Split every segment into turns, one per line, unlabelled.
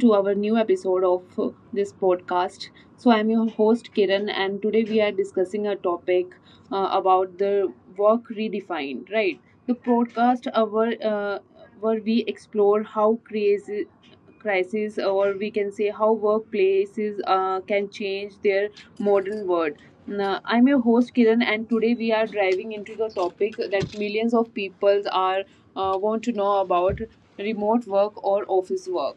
to our new episode of this podcast. I'm your host Kiran, and today we are discussing a topic about the work redefined. Right, the podcast our where we explore how crazy crisis or we can say how workplaces can change their modern world. Now, I'm your host Kiran and today we are driving into the topic that millions of people are want to know about remote work or office work.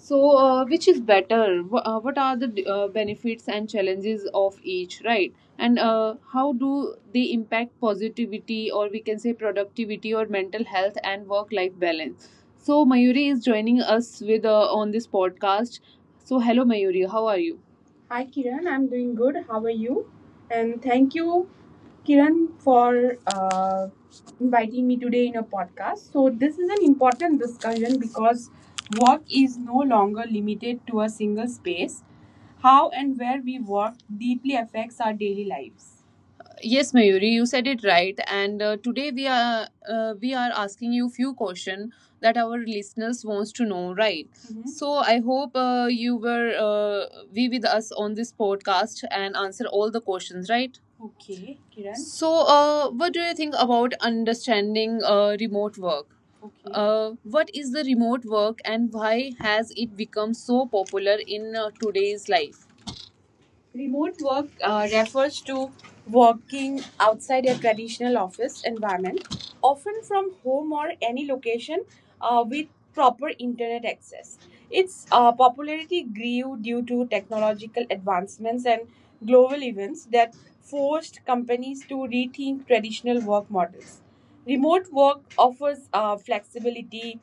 So, which is better? What are the benefits and challenges of each, right? And how do they impact positivity, or we can say productivity, or mental health and work-life balance? So, Mayuri is joining us with on this podcast. So, hello, Mayuri, how are you? Hi Kiran, I'm doing good. How are you? And thank you, Kiran, for inviting me today in a podcast. So, this is an important discussion because work is no longer limited to a single space. How and where we work deeply affects our daily lives. Yes, Mayuri, you said it right. And today we are asking you few questions that our listeners wants to know, right? Mhm. So I hope you were be with us on this podcast and answer all the questions, right? Okay, Kiran. So, what do you think about understanding remote work? Okay. What is the remote work and why has it become so popular in today's life? Remote work refers to working outside a traditional office environment, often from home or any location with proper internet access. Its popularity grew due to technological advancements and global events that forced companies to rethink traditional work models. Remote work offers flexibility,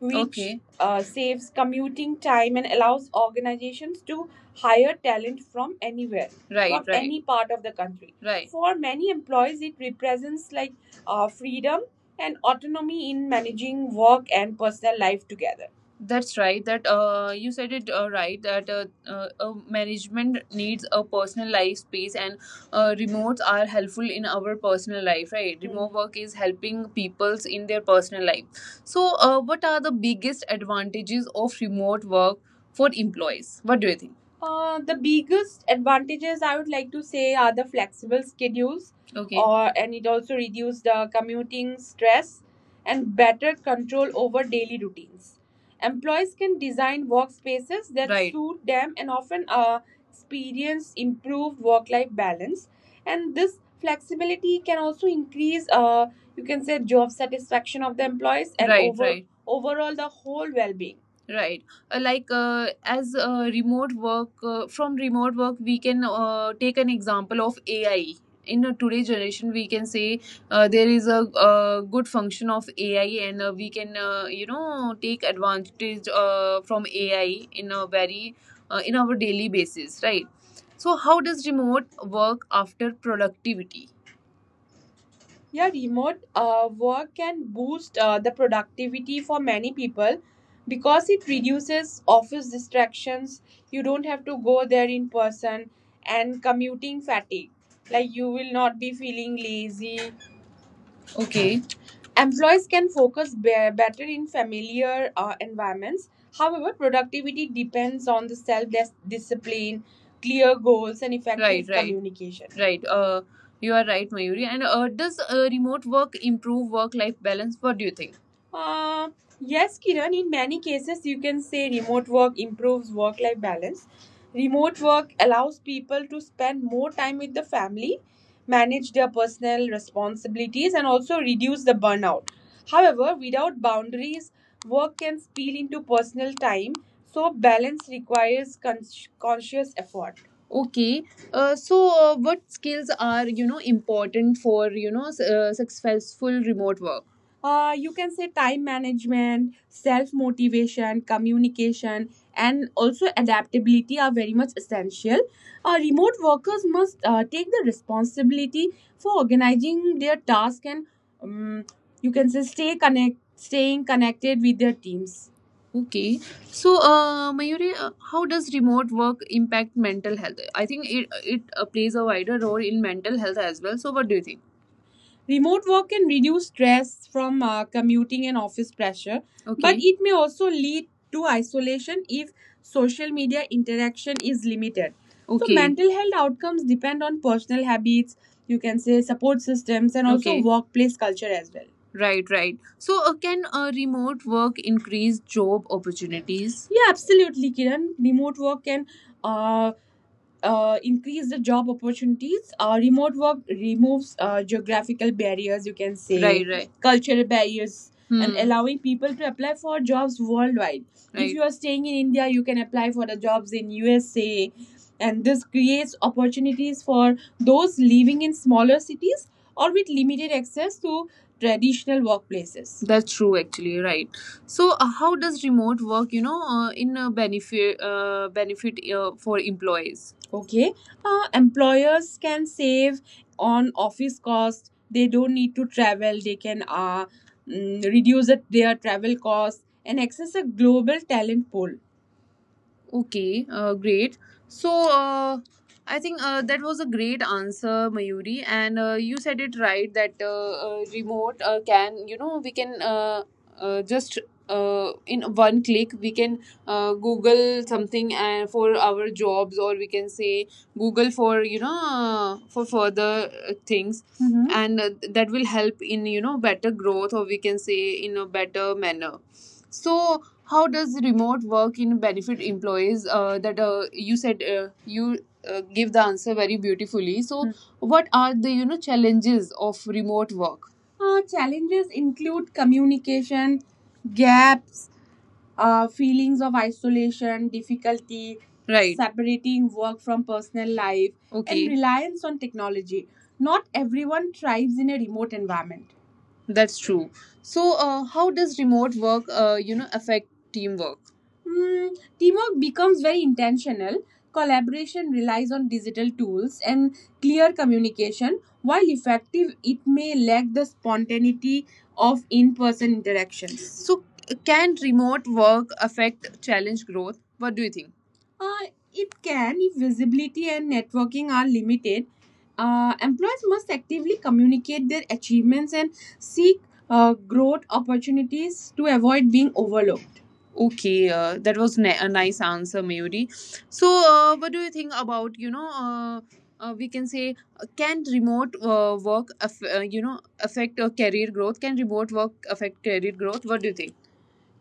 which Okay. Saves commuting time and allows organizations to hire talent from anywhere, right, from right, any part of the country. Right. For many employees, it represents like freedom and autonomy in managing work and personal life together. That's right. That you said it right. That management needs a personal life space, and remotes are helpful in our personal life, right? Hmm. Remote work is helping peoples in their personal life. So, what are the biggest advantages of remote work for employees? What do you think? The biggest advantages I would like to say are the flexible schedules, Okay. or and it also reduces the commuting stress and better control over daily routines. Employees can design workspaces that right, suit them and often experience improved work-life balance. And this flexibility can also increase you can say job satisfaction of the employees and right overall the whole well-being right as remote work from remote work we can take an example of AI in today's generation. We can say there is a, good function of AI and we can you know take advantage from AI in a very in our daily basis right. So how does remote work after productivity? Yeah, remote work can boost the productivity for many people because it reduces office distractions. You don't have to go there in person and commuting fatigue. Like you will not be feeling lazy. Okay. Employees can better in familiar environments. However, productivity depends on the discipline, clear goals, and right, effective communication. Right. You are right, Mayuri. And does remote work improve work-life balance? What do you think? Uh, yes, Kiran, in many cases, you can say remote work improves work life balance. Remote work allows people to spend more time with the family manage their personal responsibilities, and also reduce the burnout. However, without boundaries, work can spill into personal time, so balance requires conscious effort. Okay, so what skills are you know important for you know successful remote work? You can say time management, self motivation, communication, and also adaptability are very much essential. Remote workers must take the responsibility for organizing their task and um, you can say staying connected with their teams. Okay, so Mayuri, how does remote work impact mental health? I think it plays a wider role in mental health as well. So, what do you think? Remote work can reduce stress from commuting and office pressure, but Okay. it may also lead to isolation if social media interaction is limited. So, Okay. mental health outcomes depend on personal habits, you can say support systems, and also Okay. workplace culture as well. Right, right. So, can remote work increase job opportunities? Yeah, absolutely, Kiran. Remote work can uh, increase the job opportunities. Remote work removes geographical barriers, you can say, right, right. cultural barriers, and Hmm. allowing people to apply for jobs worldwide. If right. you are staying in India, you can apply for the jobs in USA, and this creates opportunities for those living in smaller cities or with limited access to traditional workplaces. That's true, actually, right? So, how does remote work, you know, in benefit benefit for employees? Okay, employers can save on office costs. They don't need to travel. They can reduce their travel costs and access a global talent pool. Okay, great. So, I think that was a great answer, Mayuri, and you said it right that remote can, you know, we can just in one click we can Google something and for our jobs, or we can say Google for you know for further things, hmm and that will help in you know better growth, or we can say in a better manner. So, how does remote work in benefit employees? That you give the answer very beautifully. So, Hmm. what are the you know challenges of remote work? Challenges include communication gaps, feelings of isolation, difficulty, right. separating work from personal life, Okay, and Okay. reliance on technology. Not everyone thrives in a remote environment. That's true. So, how does remote work, you know, affect teamwork? Mm, teamwork becomes very intentional. Collaboration relies on digital tools and clear communication. While effective, it may lack the spontaneity of in person interactions. So, can remote work affect challenge growth? What do you think? Uh, it can if visibility and networking are limited. Employees must actively communicate their achievements and seek growth opportunities to avoid being overlooked. Okay, that was a nice answer, Mayuri. So, what do you think about you know? We can say, can remote work, you know, affect career growth? Can remote work affect career growth? What do you think?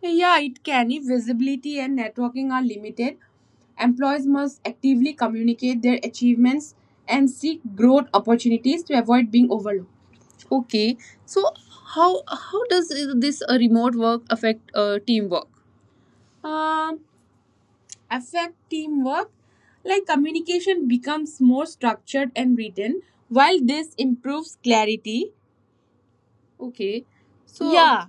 Yeah, it can if visibility and networking are limited. Employees must actively communicate their achievements and seek growth opportunities to avoid being overlooked. Okay, so how does this remote work affect teamwork? Um, Affect teamwork. Like communication becomes more structured and written, while this improves clarity. Okay. So, Yeah.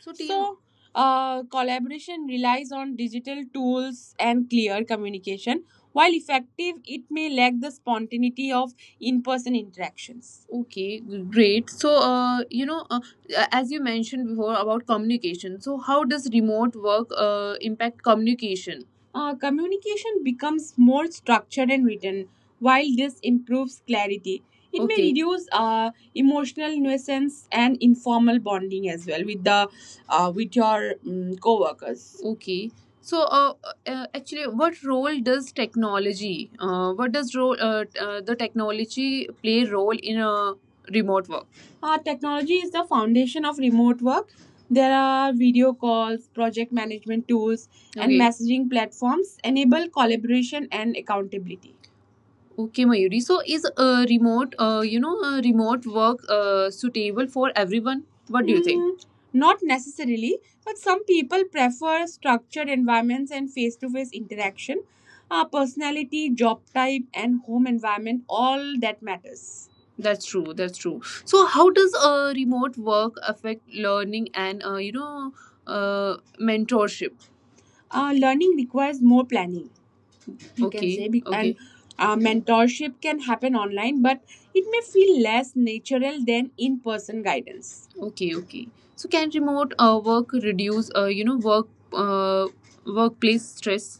so Tina, So, collaboration relies on digital tools and clear communication. While effective, it may lack the spontaneity of in person interactions. Okay, great. So, you know, as you mentioned before about communication, so how does remote work impact communication? Communication becomes more structured and written, while this improves clarity. It may Okay. reduce emotional nuisance and informal bonding as well with the with your co-workers. Okay. So, actually, what role does technology, what does role t- the technology play role in a remote work? Technology is the foundation of remote work. There are video calls, project management tools and Okay. messaging platforms enable collaboration and accountability. Okay, Mayuri. So is remote, you know, remote work suitable for everyone? What do you think? Mm, not necessarily, but some people prefer structured environments and face to face interaction. Personality, job type, and home environment all that matters. That's true. That's true. So how does remote work affect learning and you know mentorship? Learning requires more planning you okay. can okay say Okay. and okay mentorship can happen online but it may feel less natural than in-person guidance. Okay, okay, so can remote work reduce you know work uh, workplace stress?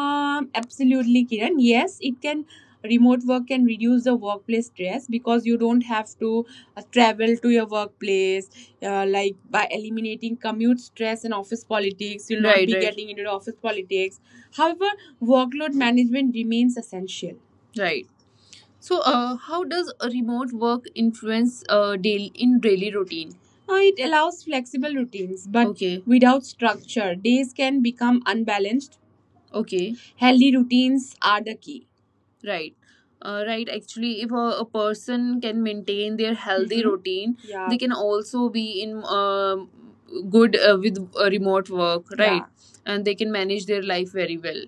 Absolutely, Kiran. Yes, it can. Remote work can reduce the workplace stress because you don't have to travel to your workplace like by eliminating commute stress and office politics you'll not be getting into the office politics however workload management remains essential right. So, how does a remote work influence daily routine? It allows flexible routines but without structure days can become unbalanced, okay, healthy routines are the key. Right. Right. Actually, if a person can maintain their healthy routine, yeah, they can also be in um good with remote work, right? Yeah. And they can manage their life very well.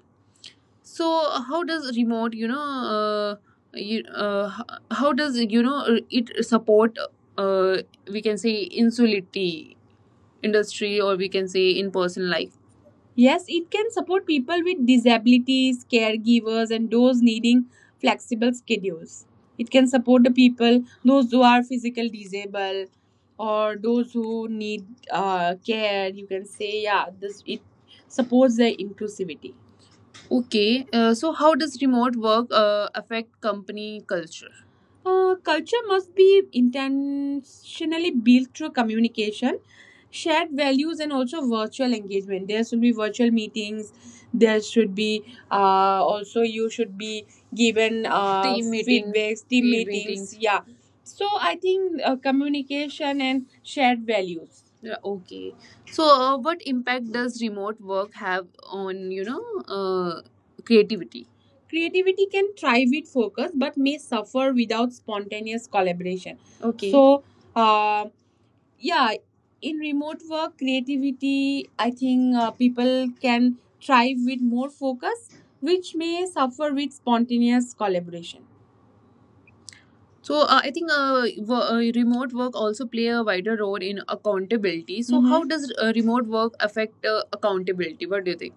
So, how does remote, you know, uh, you, h- how does you know it support? Uh, we can say insulity industry, or we can say in person life. Yes, it can support people with disabilities, caregivers, and those needing flexible schedules. It can support the people, those who are physically disabled, or those who need care. You can say, yeah, this it supports their inclusivity. Okay, so how does remote work affect company culture? Culture must be intentionally built through communication, shared values, and also virtual engagement. There should be virtual meetings. There should be also you should be given team meetings, feedbacks, team field meetings. Yeah. So I think communication and shared values. Yeah, okay. So, what impact does remote work have on creativity? Creativity can thrive with focus but may suffer without spontaneous collaboration. Okay. So, uh, yeah, in remote work, creativity, I think people can thrive with more focus, which may suffer with spontaneous collaboration. So I think remote work also play a wider role in accountability. So mhm, how does remote work affect accountability? What do you think?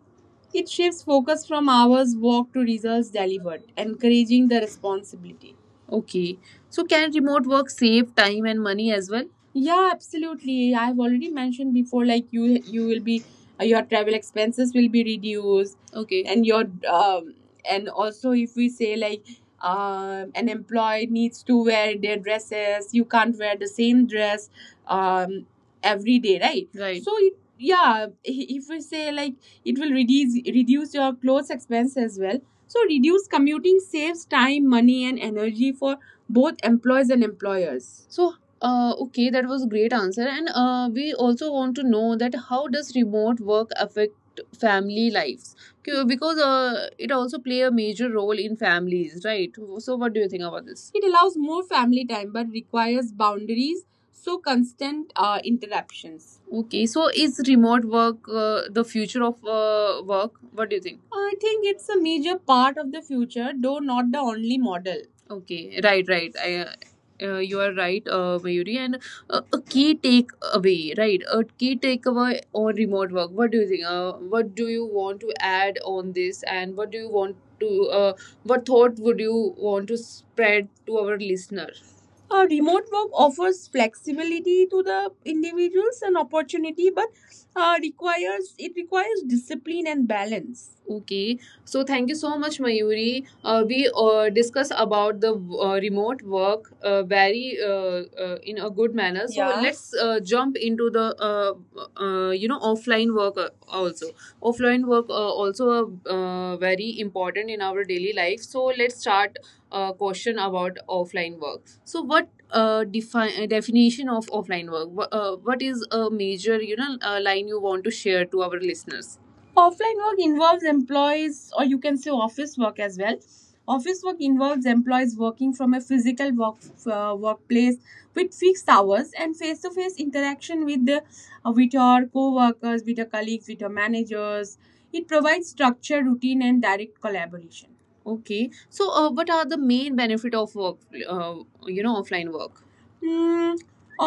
It shifts focus from hours worked to results delivered, encouraging the responsibility. Okay. So can remote work save time and money as well? Yeah, absolutely. I've already mentioned before, like you will be your travel expenses will be reduced, okay, and your and also if we say like an employee needs to wear their dresses, you can't wear the same dress um, every day, right? Right. So it, yeah, if we say like it will reduce your clothes expense as well so reduced commuting saves time money and energy for both employees and employers. So, okay, that was a great answer. And we also want to know that how does remote work affect family lives? Because it also play a major role in families, right? So, what do you think about this? It allows more family time but requires boundaries so constant interruptions. Okay, so is remote work the future of work? What do you think? I think it's a major part of the future, though not the only model. Okay, right, right. You are right, Mayuri. And a key takeaway, right? A key takeaway on remote work. What do you think? What do you want to add on this? And what do you want to? What thought would you want to spread to our listener? Remote work offers flexibility to the individuals and opportunity, but requires discipline and balance. Okay, so thank you so much, Mayuri. We discuss about the remote work very in a good manner. So yeah, let's jump into the offline work also. Offline work also very important in our daily life. So let's start a question about offline work. So what definition of offline work? What is a major line you want to share to our listeners? Offline work involves employees, or you can say office work as well. Office work involves employees working from a physical work, workplace with fixed hours and face to face interaction with, the, with your co workers, with your colleagues, with your managers. It provides structure, routine, and direct collaboration. Okay, so what are the main benefit of work, offline work? Mm,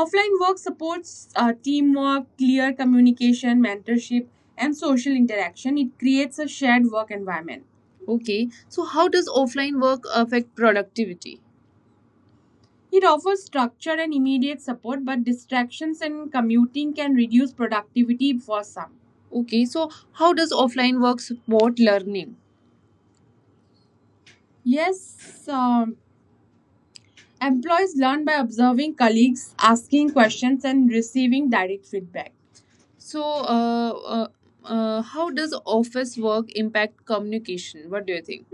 offline work supports teamwork, clear communication, mentorship, and social interaction. It creates a shared work environment. Okay, so how does offline work affect productivity? It offers structure and immediate support, but distractions and commuting can reduce productivity for some. Okay, so how does offline work support learning? Yes, um employees learn by observing colleagues, asking questions, and receiving direct feedback. So, how does office work impact communication? What do you think?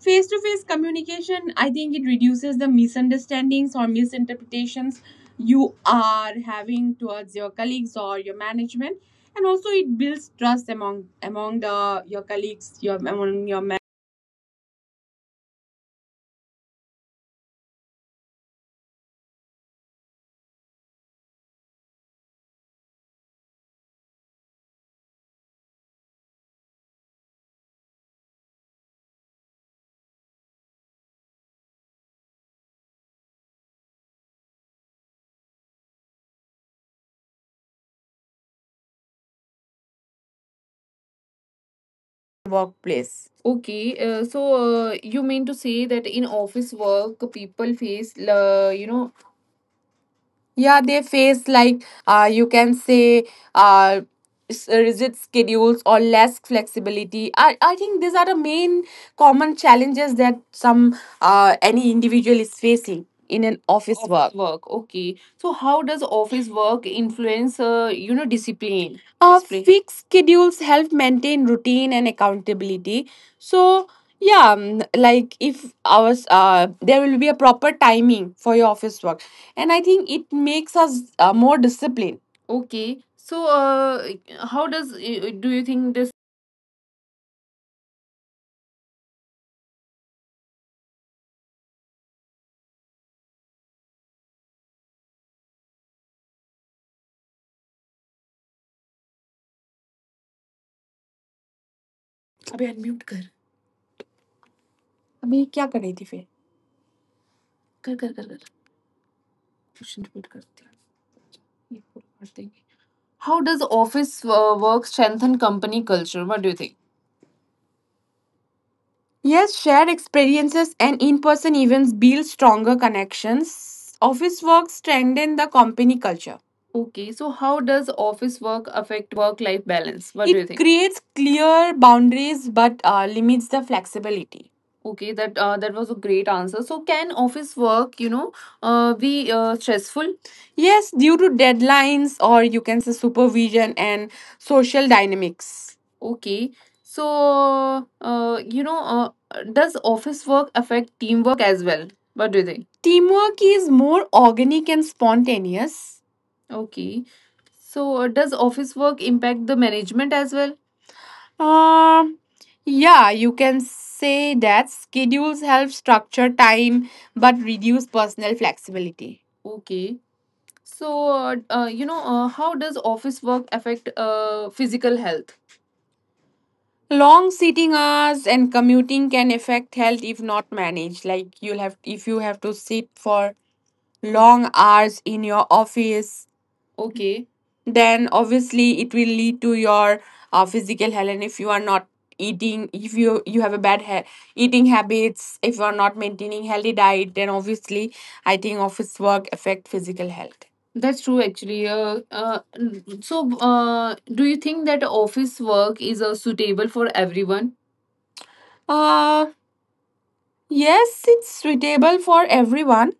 Face to face communication, I think it reduces the misunderstandings or misinterpretations you are having towards your colleagues or your management, and also it builds trust among the your colleagues, your among your
Workplace. Okay, you mean to say that in office work, people face, they face, like, you can say uh, rigid schedules or less flexibility. I think these are the main common challenges that some any individual is facing in an office okay. So how does office work influence, discipline? Fixed schedules help maintain routine and accountability. So yeah, like if hours there will be a proper timing for your office work and I think it makes us more disciplined. Okay. So, how does do you think this? अबे unmute कर. अभी क्या कर रही थी फिर कर. Question repeat करते हैं. ये पूरा कर देंगे. How does office work strengthen company culture? What do you think? Yes, shared experiences and in person events build stronger connections. Office work strengthen the company culture. Okay, so how does office work affect work life balance? What do It you It think? Creates clear boundaries but limits the flexibility. Okay, that was a great answer. So can office work, be stressful? Yes, due to deadlines, or you can say supervision and social dynamics. Okay, so, does office work affect teamwork as well? What do you think? Teamwork is more organic and spontaneous. Okay. So, does office work impact the management as well? Um, yeah, you can say that schedules help structure time but reduce personal flexibility. Okay. So, how does office work affect physical health? Long sitting hours and commuting can affect health if not managed. Like, you'll have, if you have to sit for long hours in your office, okay, then obviously it will lead to your physical health, and if you are not eating, if you have a bad eating habits, if you are not maintaining healthy diet, then obviously I think office work affect physical health. That's true, actually. So, do you think that office work is suitable for everyone? uh yes, it's suitable for everyone.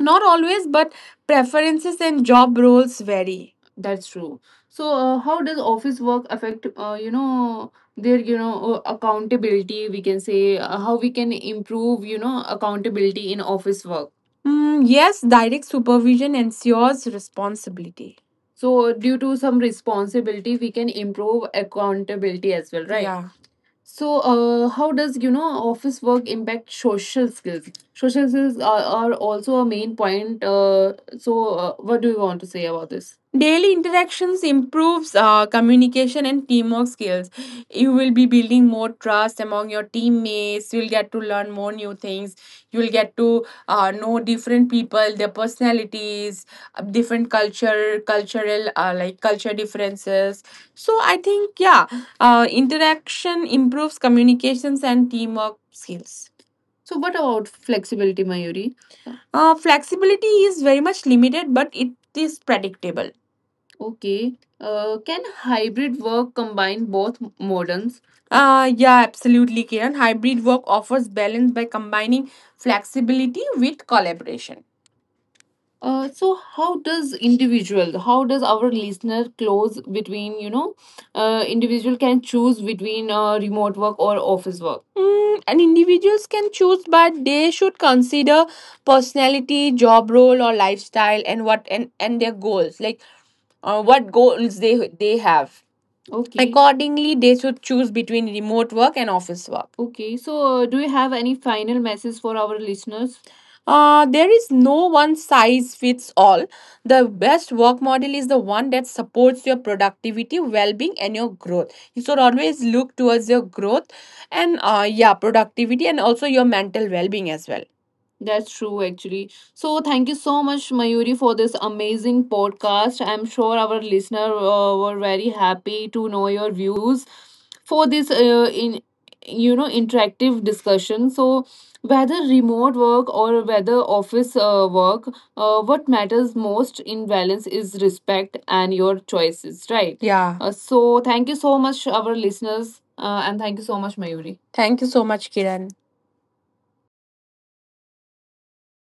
Not always, but preferences and job roles vary. That's true. So, how does office work affect, their, accountability? We can say, how we can improve, accountability in office work. Yes, direct supervision ensures responsibility. So, due to some responsibility, we can improve accountability as well, right? Yeah. So, how does, you know, office work impact social skills? Social skills are also a main point. So, what do you want to say about this? Daily interactions improves communication and teamwork skills. You will be building more trust among your teammates. You'll get to learn more new things. You'll get to know different people, their personalities, different cultural like culture differences. So I think, yeah, interaction improves communications and teamwork skills. So, what about flexibility, Mayuri? Flexibility is very much limited, but it is predictable. Okay. Can hybrid work combine both models? Yeah, absolutely, Kiran. Hybrid work offers balance by combining flexibility with collaboration. So, how does our listener close between, you know, individual can choose between remote work or office work? And individuals can choose, but they should consider personality, job role, or lifestyle, and what and their goals, like, what goals they have. Okay. Accordingly, they should choose between remote work and office work. Okay. So, do you have any final message for our listeners? There is no one size fits all. The best work model is the one that supports your productivity, well being, and your growth. You should always look towards your growth and, yeah, productivity, and also your mental well being as well. That's true, actually. So, thank you so much, Mayuri, for this amazing podcast. I'm sure our listener were very happy to know your views for this, interactive discussion. So, whether remote work or whether office work, what matters most in balance is respect and your choices, right? Yeah. So, thank you so much, our listeners, and thank you so much, Mayuri. Thank you so much, Kiran.